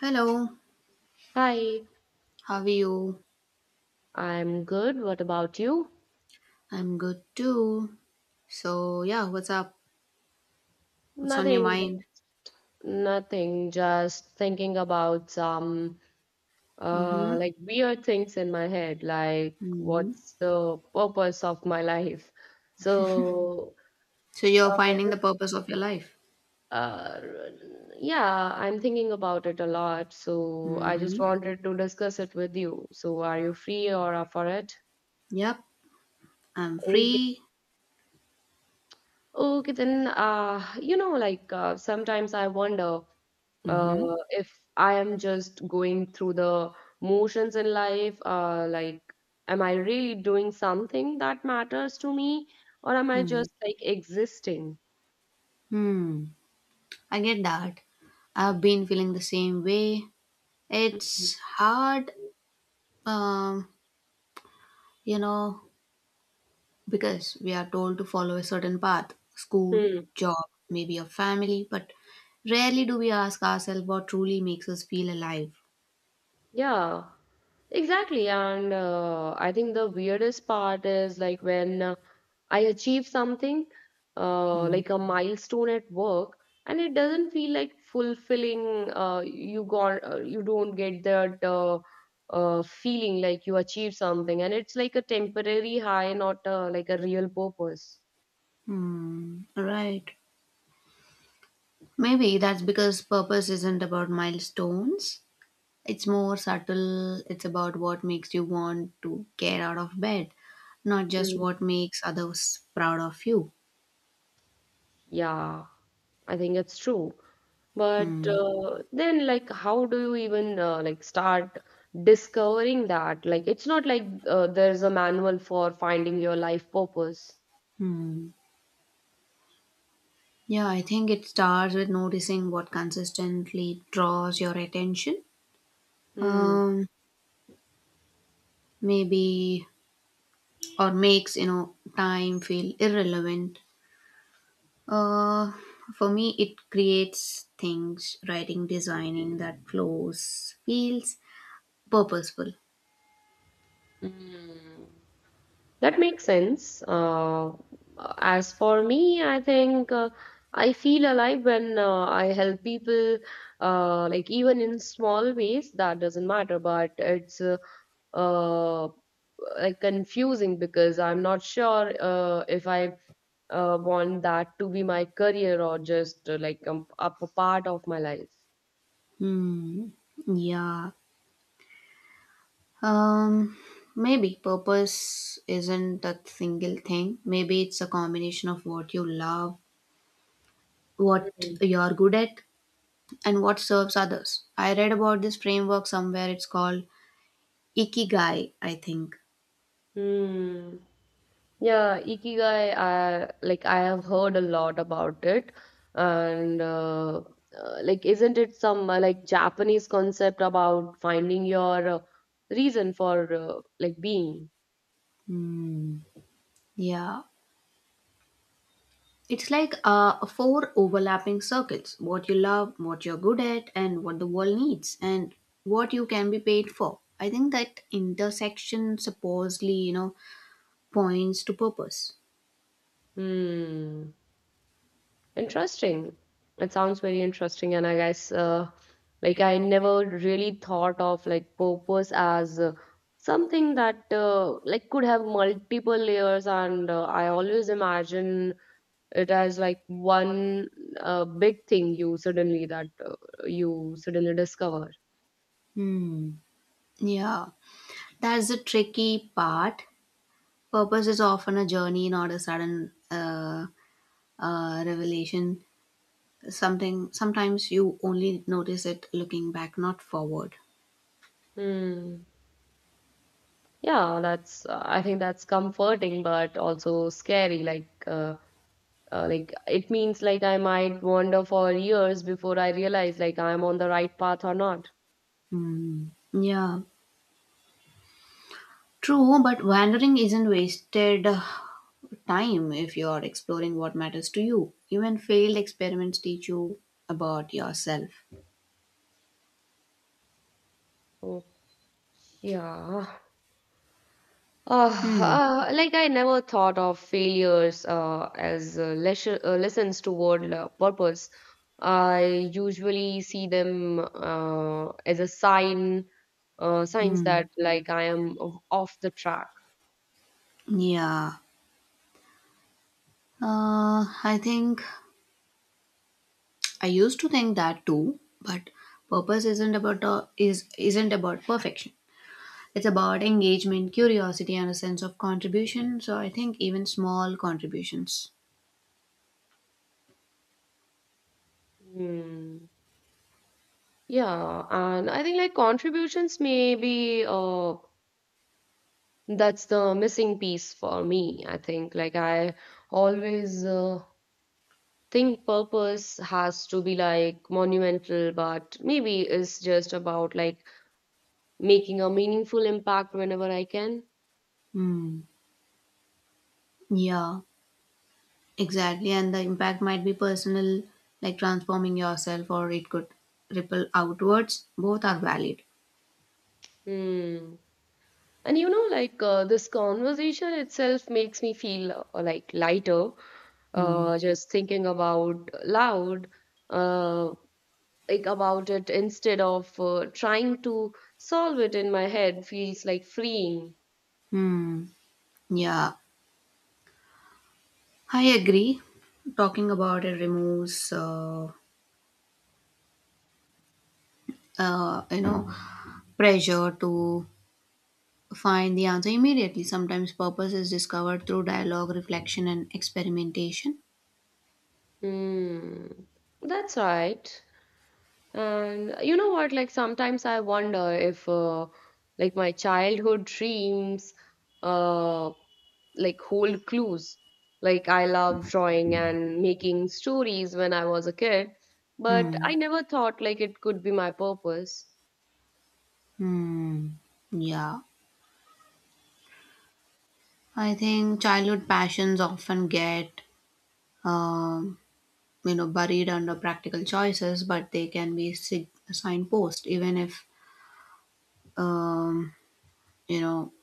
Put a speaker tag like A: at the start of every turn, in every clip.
A: Hello,
B: Hi,
A: how are you?
B: I'm good. What about you?
A: I'm good too. So, yeah, what's up? What's on your
B: Nothing,
A: mind?
B: nothing. Just thinking about some
A: Mm-hmm.
B: like weird things in my head, like
A: Mm-hmm.
B: what's the purpose of my life? So,
A: So, you're
B: uh,
A: finding the purpose of your life?
B: uh, yeah, I'm thinking about it a lot. So I just
A: Mm-hmm.
B: wanted to discuss it with you. So are you free or up for it?
A: Yep, I'm
B: Okay.
A: free.
B: Okay, then like sometimes I wonder.
A: Mm-hmm.
B: Uh, if I am just going through the motions in life, like, am I really doing something that matters to me, or am I
A: Mm-hmm.
B: just like existing?
A: Hmm. I get that. I've been feeling the same way.
B: Mhm.
A: It's hard, um, you know, because we are told to follow a certain path school,
B: Hmm.
A: job, maybe a family, but rarely do we ask ourselves what truly makes us feel alive.
B: Yeah. Exactly, and I think the weirdest part is like when I achieve something,
A: Hmm.
B: like a milestone at work, and it doesn't feel like fulfilling. You don't get that feeling like you achieved something, and it's like a temporary high, not like a real purpose.
A: Hmm. Right. Maybe that's because purpose isn't about milestones. It's more subtle. It's about what makes you want to get out of bed, not just
B: Hmm.
A: what makes others proud of you.
B: Yeah, I think it's true. But
A: Hmm.
B: then, like, how do you even like start discovering that? Like, it's not like there's a manual for finding your life purpose.
A: Hmm. Yeah, I think it starts with noticing what consistently draws your attention.
B: Mm.
A: um, Maybe, or makes, you know, time feel irrelevant. uh, for me, it creates things. Writing, designing, that flows, feels purposeful.
B: Mm. That makes sense. As for me, I think I feel alive when I help people, like even in small ways, that doesn't matter, but it's uh, like confusing because I'm not sure if I want that to be my career or just like up part of my life.
A: Hmm. Yeah. um Maybe purpose isn't a single thing. Maybe it's a combination of what you love, what
B: Hmm.
A: you're good at, and what serves others. I read about this framework somewhere. It's called ikigai, I think.
B: Hmm. Yeah, Ikigai, I have heard a lot about it, and like isn't it some like Japanese concept about finding your reason for like being?
A: Hmm. Yeah. It's like four overlapping circles: what you love, what you're good at, and what the world needs, and what you can be paid for. I think that intersection supposedly, you know, points to purpose.
B: Hmm. Interesting. It sounds very interesting, and I guess like I never really thought of like purpose as something that like could have multiple layers, and I always imagine it as like one big thing you suddenly discover.
A: Hmm. Yeah. That's the tricky part. Purpose is often a journey, not a sudden revelation. Something sometimes you only notice it looking back, not forward.
B: Hmm. Yeah, that's I think that's comforting, but also scary. Like it means like I might wander for years before I realize like I'm on the right path or not.
A: Hmm. Yeah. True, but wandering isn't wasted time if you are exploring what matters to you. Even failed experiments teach you about yourself.
B: So yeah.
A: Hmm.
B: Like I never thought of failures as lessons toward purpose. I usually see them as a sign, signs
A: Hmm.
B: that like I am off the track.
A: Yeah. I think I used to think that too, but purpose isn't about is isn't about perfection. It's about engagement, curiosity, and a sense of contribution. So I think even small contributions.
B: Hmm. Yeah, and I think like contributions may be that's the missing piece for me, I think. Like, I always think purpose has to be like monumental, but maybe it's just about like making a meaningful impact whenever I can.
A: Hmm. Yeah. Exactly, and the impact might be personal, like transforming yourself, or it could ripple outwards. Both are valid.
B: Hmm. And like, this conversation itself makes me feel like lighter,
A: Hmm.
B: just thinking about loud, uh, like about it instead of trying to solve it in my head feels like freeing.
A: Hmm. Yeah, I agree. Talking about it removes, you know, pressure to find the answer immediately. Sometimes purpose is discovered through dialogue, reflection, and experimentation.
B: Mm, that's right. And you know what? Like sometimes I wonder if, like my childhood dreams, uh, like hold clues. Like I love drawing and making stories when I was a kid, but
A: Hmm.
B: I never thought like it could be my purpose.
A: Hmm. Yeah, I think childhood passions often get um you know buried under practical choices, but they can be signpost, even if, um, you know,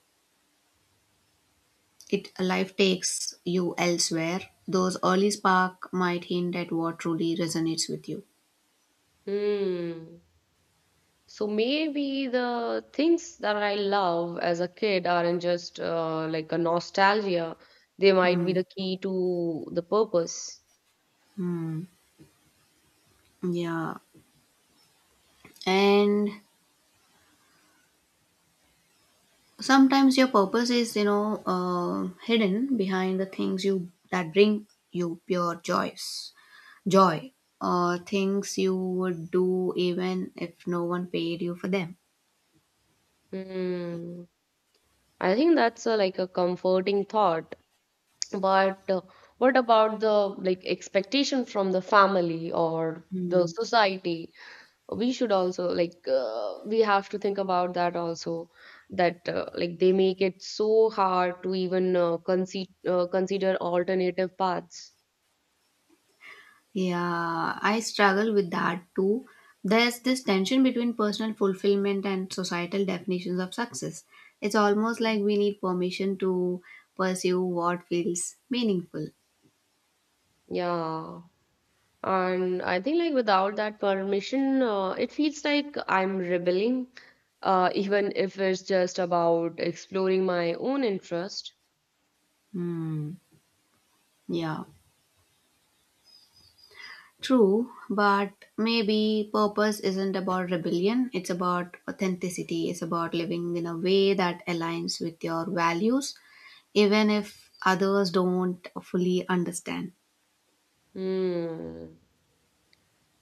A: it life takes you elsewhere, those early spark might hint at what truly resonates with you.
B: Hmm. So maybe the things that I love as a kid aren't just like a nostalgia. They might be
A: Hmm.
B: the key to the purpose.
A: Hmm. Yeah. And sometimes your purpose is, you know, hidden behind the things you that bring you pure joy, or things you would do even if no one paid you for them.
B: Hmm. I think that's a, like, a comforting thought. But what about the like expectation from the family or the
A: Hmm.
B: society? We should also like we have to think about that also. That, like, they make it so hard to even consider alternative paths.
A: Yeah, I struggle with that too. There's this tension between personal fulfillment and societal definitions of success. It's almost like we need permission to pursue what feels meaningful.
B: Yeah. And I think like without that permission, it feels like I'm rebelling, even if it's just about exploring my own interest.
A: Hmm. Yeah. True, but maybe purpose isn't about rebellion. It's about authenticity. It's about living in a way that aligns with your values, even if others don't fully understand.
B: Hmm.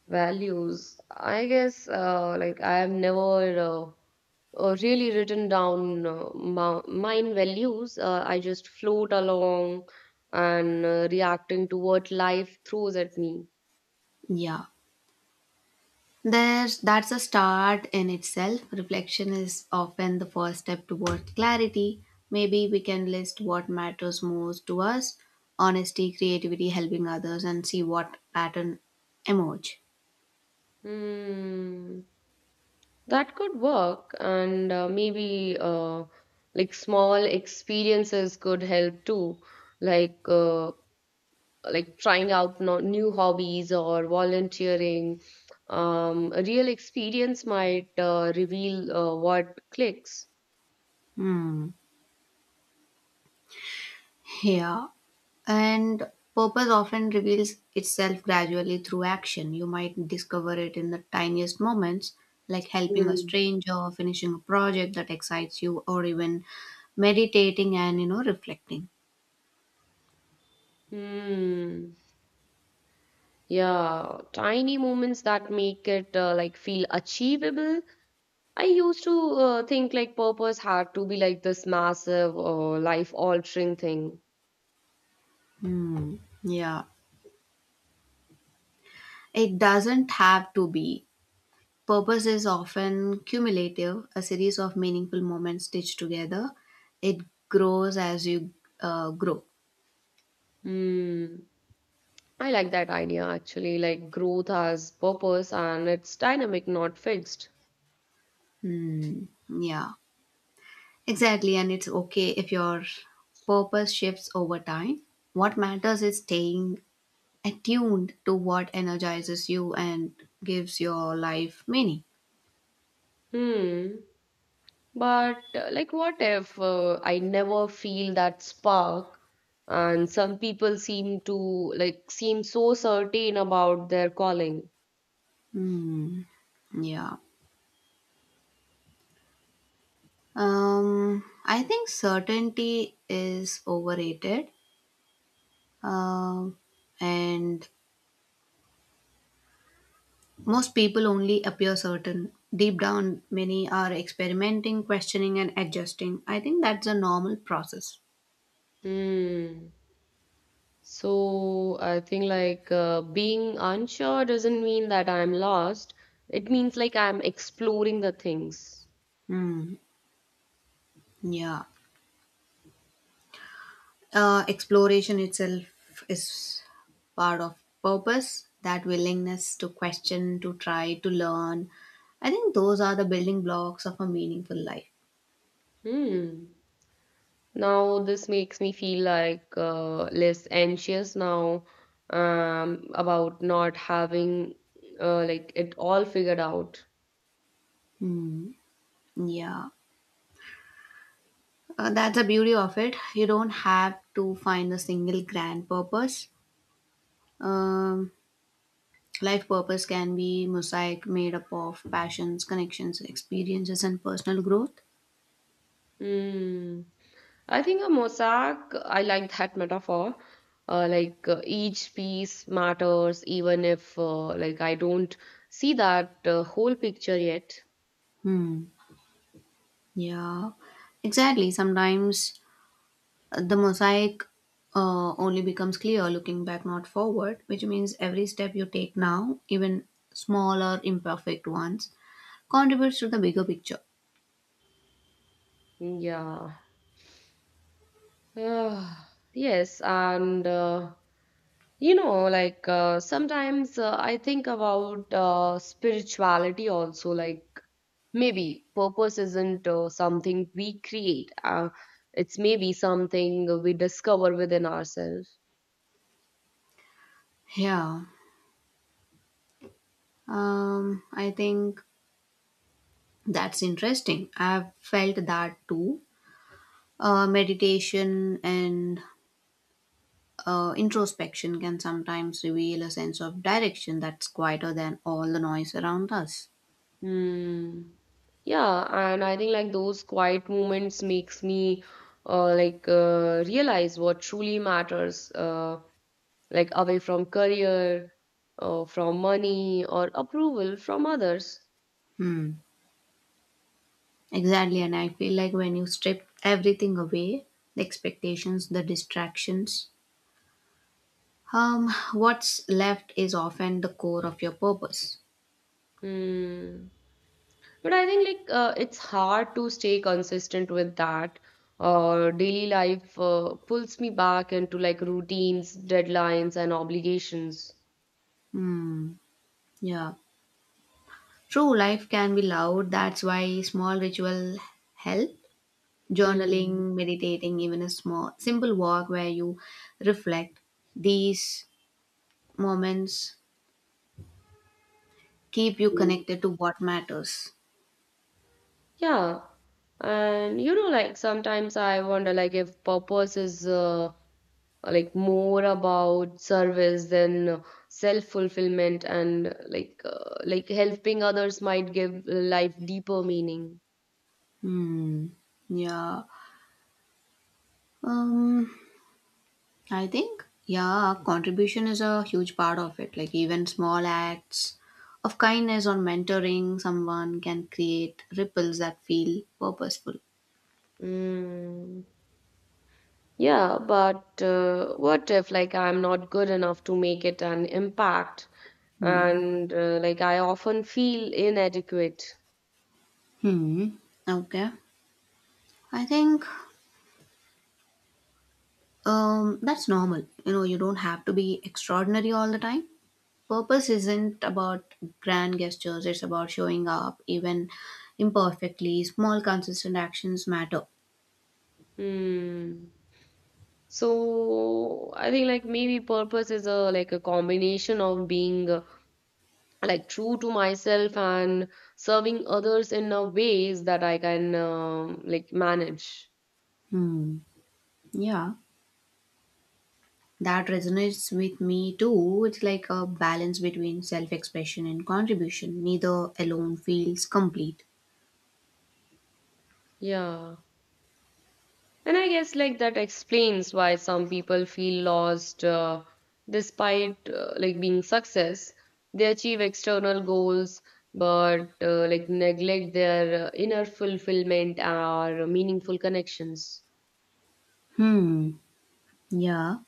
B: Values. I guess like I have never really written down mine values. I just float along and reacting to what life throws at me.
A: Yeah. There, that's a start in itself. Reflection is often the first step toward clarity. Maybe we can list what matters most to us, honesty, creativity, helping others, and see what pattern emerge.
B: Hmm. That could work, and maybe like small experiences could help too, like uh, like trying out no new hobbies or volunteering. A real experience might reveal what clicks.
A: Hmm. Yeah. And purpose often reveals itself gradually through action. You might discover it in the tiniest moments, like helping a
B: Hmm.
A: stranger, finishing a project that excites you, or even meditating and, you know, reflecting.
B: Hmm. Yeah, tiny moments that make it like feel achievable. I used to think like purpose had to be like this massive or life-altering thing.
A: Hmm. Yeah, it doesn't have to be. Purpose is often cumulative, a series of meaningful moments stitched together. It grows as you grow.
B: Mm, I like that idea actually, like growth has purpose and it's dynamic, not fixed.
A: Hmm. Yeah, exactly. And it's okay if your purpose shifts over time. What matters is staying attuned to what energizes you and gives your life meaning.
B: Hmm. But like what if I never feel that spark and some people seem to like seem so certain about their calling.
A: Hmm. Yeah. I think certainty is overrated, um, and most people only appear certain. Deep down, many are experimenting, questioning, and adjusting. I think that's a normal process.
B: Hmm. So I think like being unsure doesn't mean that I'm lost. It means like I'm exploring the things.
A: Hmm. Yeah. Exploration itself is part of purpose, that willingness to question, to try, to learn. I think those are the building blocks of a meaningful life.
B: Hmm. Now, this makes me feel like less anxious now, about not having like it all figured out.
A: Hmm. Yeah. That's the beauty of it. You don't have to find a single grand purpose. Um, Life purpose can be mosaic made up of passions, connections, experiences, and personal growth.
B: Hmm. I think a mosaic, I like that metaphor. Like each piece matters, even if like I don't see that whole picture yet.
A: Hmm. Yeah, exactly. Sometimes the mosaic only becomes clear looking back, not forward, which means every step you take now, even small or imperfect ones, contributes to the bigger picture.
B: Yeah. Ah, yes, and like sometimes I think about spirituality also, like maybe purpose isn't something we create. It's maybe something we discover within ourselves.
A: Yeah. I think that's interesting. I've felt that too. Meditation and introspection can sometimes reveal a sense of direction that's quieter than all the noise around us.
B: Hmm. Yeah, and I think like those quiet moments makes me like realize what truly matters, like away from career, from money or approval from others.
A: Hmm. Exactly. And I feel like when you strip everything away, the expectations, the distractions, what's left is often the core of your purpose.
B: Hmm. But I think like it's hard to stay consistent with that. Daily life pulls me back into like routines, deadlines, and obligations.
A: Hmm. Yeah. True, life can be loud. That's why small ritual help
B: Mm.
A: journaling, meditating, even a small, simple walk where you reflect. These moments keep you connected to what matters.
B: Yeah. And you know, like sometimes I wonder like if purpose is like more about service than self-fulfillment and like helping others might give life deeper meaning.
A: Hmm. Yeah. Um. I think, yeah, contribution is a huge part of it. Like even small acts of kindness or mentoring someone can create ripples that feel purposeful.
B: Mm. Yeah, but what if like I'm not good enough to make it an impact,
A: Hmm.
B: and like I often feel inadequate.
A: Hmm. Okay. I think that's normal. You know, you don't have to be extraordinary all the time. Purpose isn't about grand gestures, it's about showing up, even imperfectly. Small, consistent actions matter.
B: Hmm. So I think like maybe purpose is a like a combination of being like true to myself and serving others in a ways that I can, like, manage.
A: Hmm. Yeah, that resonates with me too. It's like a balance between self expression and contribution. Neither alone feels complete.
B: Yeah. And I guess like that explains why some people feel lost, despite like being success. They achieve external goals but like neglect their inner fulfillment or meaningful connections.
A: Hmm. Yeah.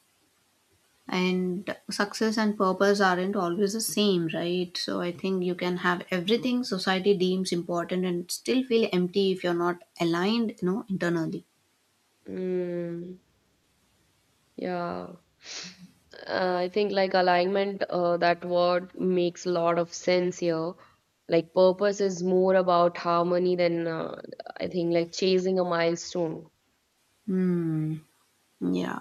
A: And success and purpose aren't always the same, right? So I think you can have everything society deems important and still feel empty if you're not aligned, you know, internally.
B: Mm, yeah. I think like alignment, that word makes a lot of sense here. Like purpose is more about harmony than, I think, like chasing a milestone.
A: Hmm. Yeah.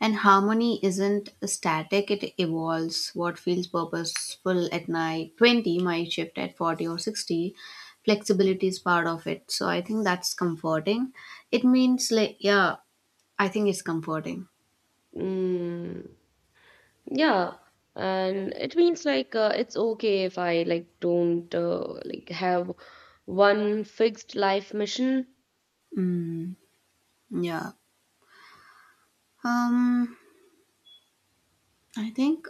A: And harmony isn't static, it evolves. What feels purposeful at night 20 might shift at 40 or 60. Flexibility is part of it. So I think that's comforting. It means like, yeah, I think it's comforting.
B: Mm. Yeah, and it means like it's okay if I, like, don't, like, have one fixed life mission.
A: Yeah. Um I think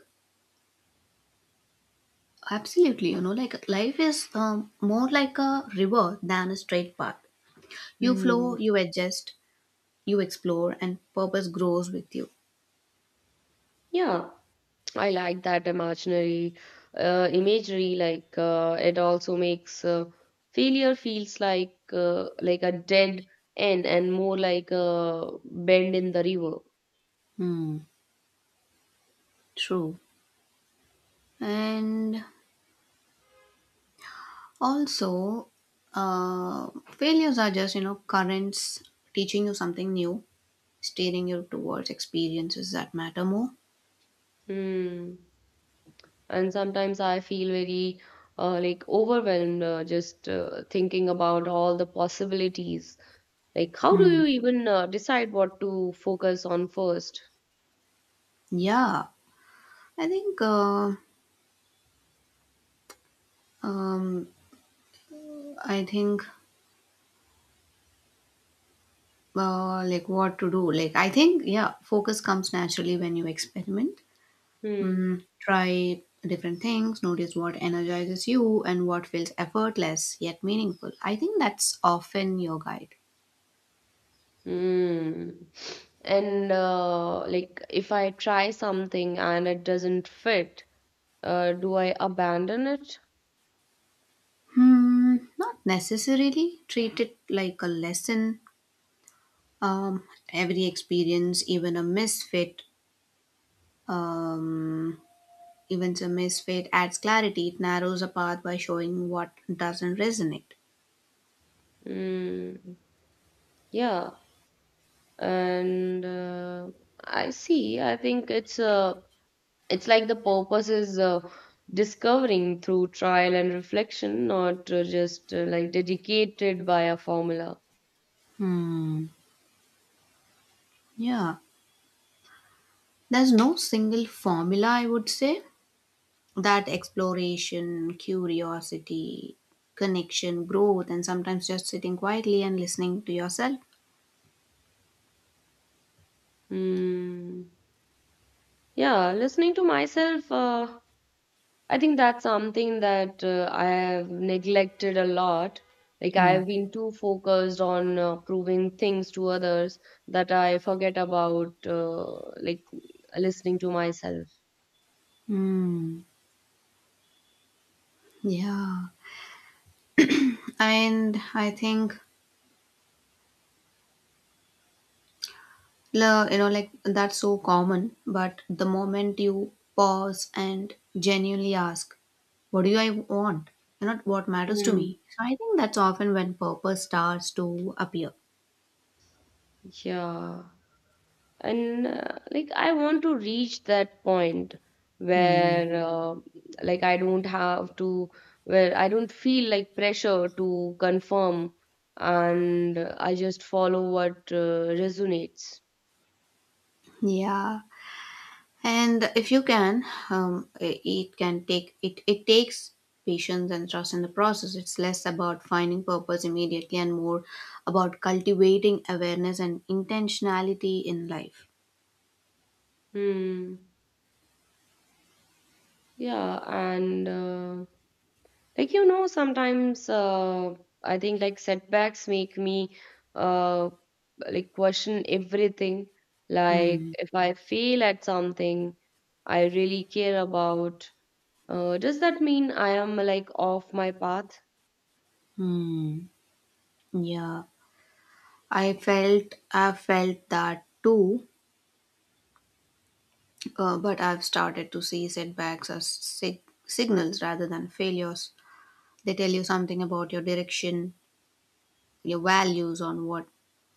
A: absolutely, you know, like life is, more like a river than a straight path. You
B: Hmm.
A: flow, you adjust, you explore, and purpose grows with you.
B: Yeah, I like that imaginary, imagery, like it also makes failure feels like a dead end and more like a bend in the river.
A: Hmm, true. And also, failures are just, you know, currents teaching you something new, steering you towards experiences that matter more.
B: Hmm. And sometimes I feel very, like overwhelmed, just thinking about all the possibilities, like how do
A: Hmm.
B: you even decide what to focus on first?
A: Yeah, I think, uh, um, I think, like what to do. Like, I think, yeah, focus comes naturally when you experiment.
B: Hmm.
A: Mm, try different things, notice what energizes you and what feels effortless yet meaningful. I think that's often your guide.
B: Hmm. And like if I try something and it doesn't fit, do I abandon it?
A: Hmm, not necessarily. Treat it like a lesson. Um, every experience, even a um, misfit adds clarity. It narrows a path by showing what doesn't resonate.
B: Hmm. Yeah, and I see, I think it's like the purpose is discovering through trial and reflection, not just like dedicated by a formula.
A: Hmm. Yeah. There's no single formula, I would say. That exploration, curiosity, connection, growth, and sometimes just sitting quietly and listening to yourself.
B: Hmm. Yeah, listening to myself, I think that's something that I have neglected a lot. Like I
A: Hmm.
B: have been too focused on proving things to others that I forget about like listening to myself.
A: Hmm. Yeah. And I think you know, like, that's so common, but the moment you pause and genuinely ask what do I want, and not what matters to me,
B: Hmm.
A: so I think that's often when purpose starts to appear.
B: Yeah. And like I want to reach that point
A: Hmm.
B: where like I don't have to, where I don't feel like pressure to confirm, and I just follow what resonates.
A: Yeah, and if you can, it can take it takes patience and trust in the process. It's less about finding purpose immediately and more about cultivating awareness and intentionality in life.
B: Hmm. Yeah, and like sometimes I think like setbacks make me uh, like question everything, like if I fail at something I really care about. Does that mean I am, like, off my path?
A: Hmm. Yeah, I felt that too, but I've started to see setbacks as signals rather than failures. They tell you something about your direction, your values, on what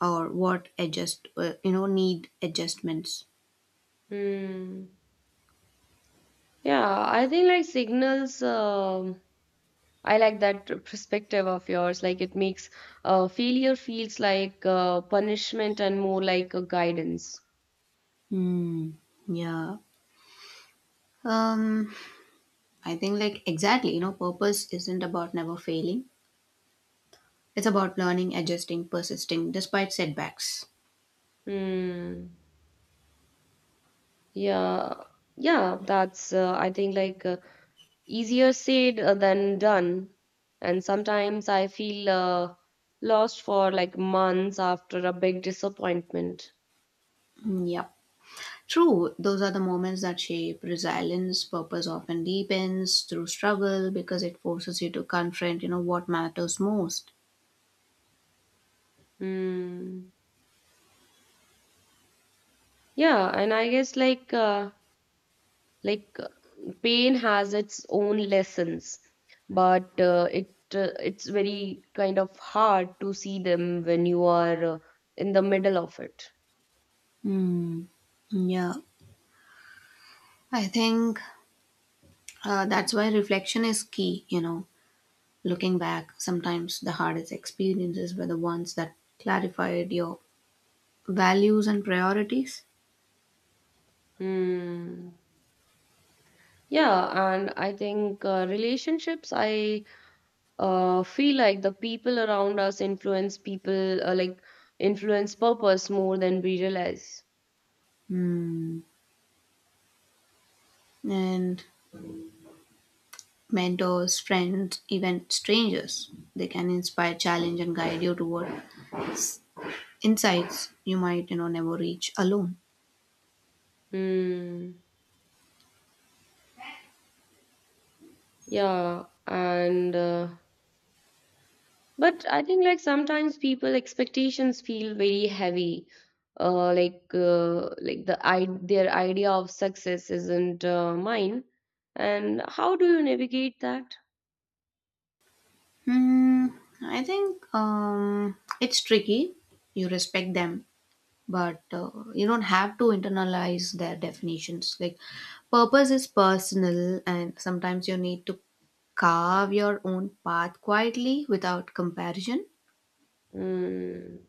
A: or what adjust, you know, need adjustments.
B: Hmm. Yeah, I think like signals. I like that perspective of yours. Like it makes failure feels like punishment and more like a guidance.
A: Hmm. Yeah. Um. I think, like, exactly. You know, purpose isn't about never failing. It's about learning, adjusting, persisting despite setbacks.
B: Hmm. Yeah. Yeah. That's I think like easier said than done. And sometimes I feel lost for like months after a big disappointment.
A: Mm, yep. True, those are the moments that shape resilience. Purpose often deepens through struggle because it forces you to confront, you know, what matters most.
B: Hmm. Yeah, and I guess like like pain has its own lessons, but it's very kind of hard to see them when you are in the middle of it.
A: Hmm. Yeah, I think, that's why reflection is key. You know, looking back, sometimes the hardest experiences were the ones that clarified your values and priorities.
B: Hmm. Yeah, and I think relationships, I feel like the people around us influence people, like influence purpose more than we realize.
A: Hmm. And mentors, friends, even strangers, they can inspire, challenge, and guide you toward insights you might, you know, never reach alone.
B: Hmm. Yeah, and But I think like sometimes people expectations feel very heavy. Like like the I, their idea of success isn't mine. And how do you navigate that?
A: Hmm. I think, it's tricky. You respect them, but you don't have to internalize their definitions. Like, purpose is personal, and sometimes you need to carve your own path quietly without comparison.
B: Mm,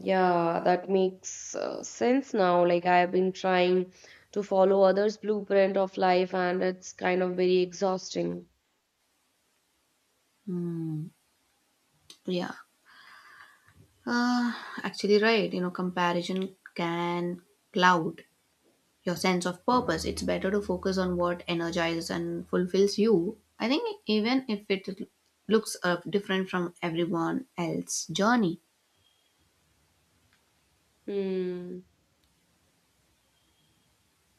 B: yeah, that makes sense now. Like I have been trying to follow others' blueprint of life, and it's kind of very exhausting.
A: Yeah. uh, Actually, right, you know, comparison can cloud your sense of purpose. It's better to focus on what energizes and fulfills you. I think even if it looks different from everyone else's journey.
B: Hmm.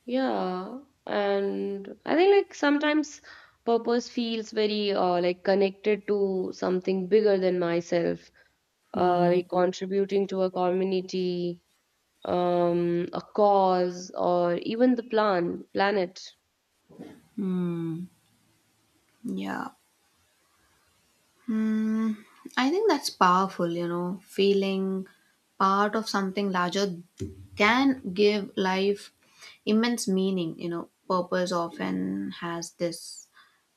B: Yeah, and I think like sometimes purpose feels very like connected to something bigger than myself,
A: Hmm.
B: like contributing to a community, a cause, or even the planet.
A: Yeah. Hmm. I think that's powerful, you know, feeling part of something larger can give life immense meaning. You know, purpose often has this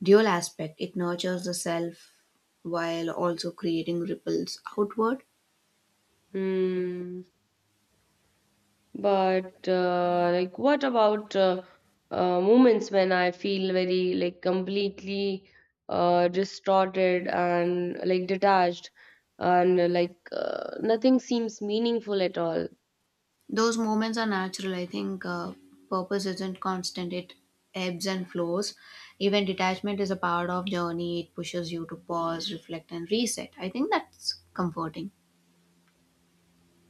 A: dual aspect, it nurtures the self while also creating ripples outward.
B: Hmm. But like, what about moments when I feel very like completely distorted and like detached, and like nothing seems meaningful at all?
A: Those moments are natural. I think, purpose isn't constant. It ebbs and flows. Even detachment is a part of journey. It pushes you to pause, reflect, and reset. I think that's comforting.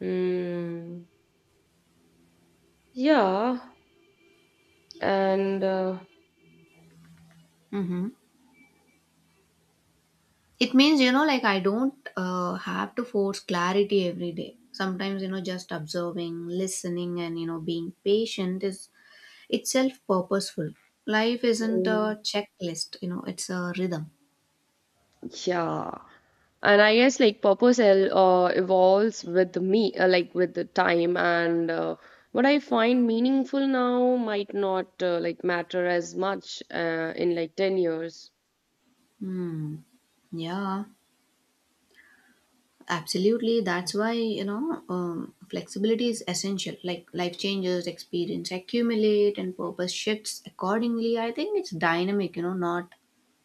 B: Mm, yeah, and
A: Hmm. It means, you know, like, I don't have to force clarity every day. Sometimes, you know, just observing, listening, and, you know, being patient is itself purposeful. Life isn't
B: mm,
A: a checklist. You know, it's a rhythm.
B: yeah. And I guess like purpose evolves with me, like with the time, and what I find meaningful now might not like matter as much in like 10 years.
A: Hmm. Yeah. Absolutely. That's why, you know, flexibility is essential. Like, life changes, experience accumulate, and purpose shifts accordingly. I think it's dynamic, you know, not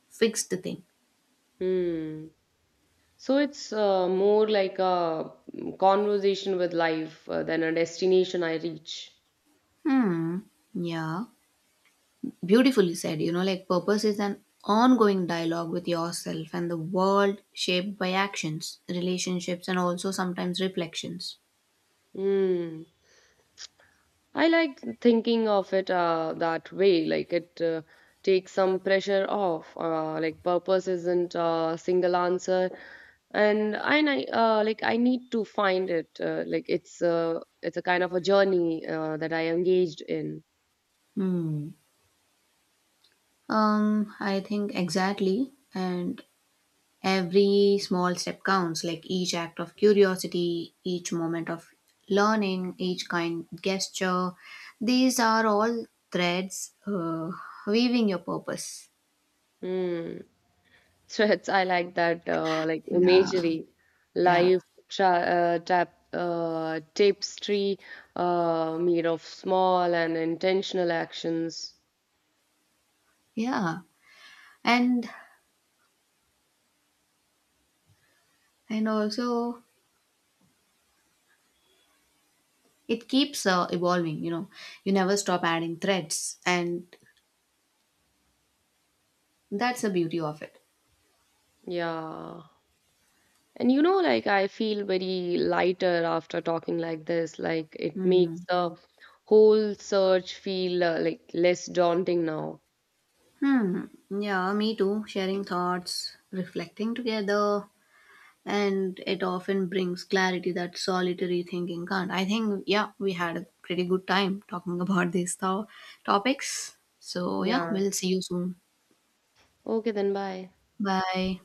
A: fixed thing.
B: Hmm. So it's more like a conversation with life than a destination I reach.
A: Hmm. Yeah. Beautifully said. You know, like, purpose is an ongoing dialogue with yourself and the world shaped by actions, relationships, and also sometimes reflections.
B: Hmm. I like thinking of it that way, like it takes some pressure off. Like purpose isn't a single answer, and I ni- like I need to find it. Like it's a kind of a journey that I engaged in.
A: Hmm. I think exactly. And every small step counts, like each act of curiosity, each moment of learning, each kind gesture. These are all threads weaving your purpose.
B: Mm. So, it's I like that like
A: Yeah,
B: imagery,
A: yeah,
B: life, tapestry made of small and intentional actions.
A: yeah. And also it keeps evolving. You know, you never stop adding threads, and that's the beauty of it.
B: Yeah. And you know, like I feel very lighter after talking like this. Like it makes
A: Hmm.
B: the whole search feel like less daunting now.
A: Hmm. Yeah, me too. Sharing thoughts, reflecting together, and it often brings clarity that solitary thinking can't. I think, yeah, we had a pretty good time talking about these topics. So, yeah,
B: Yeah.
A: we'll see you soon.
B: Okay, then bye.
A: Bye.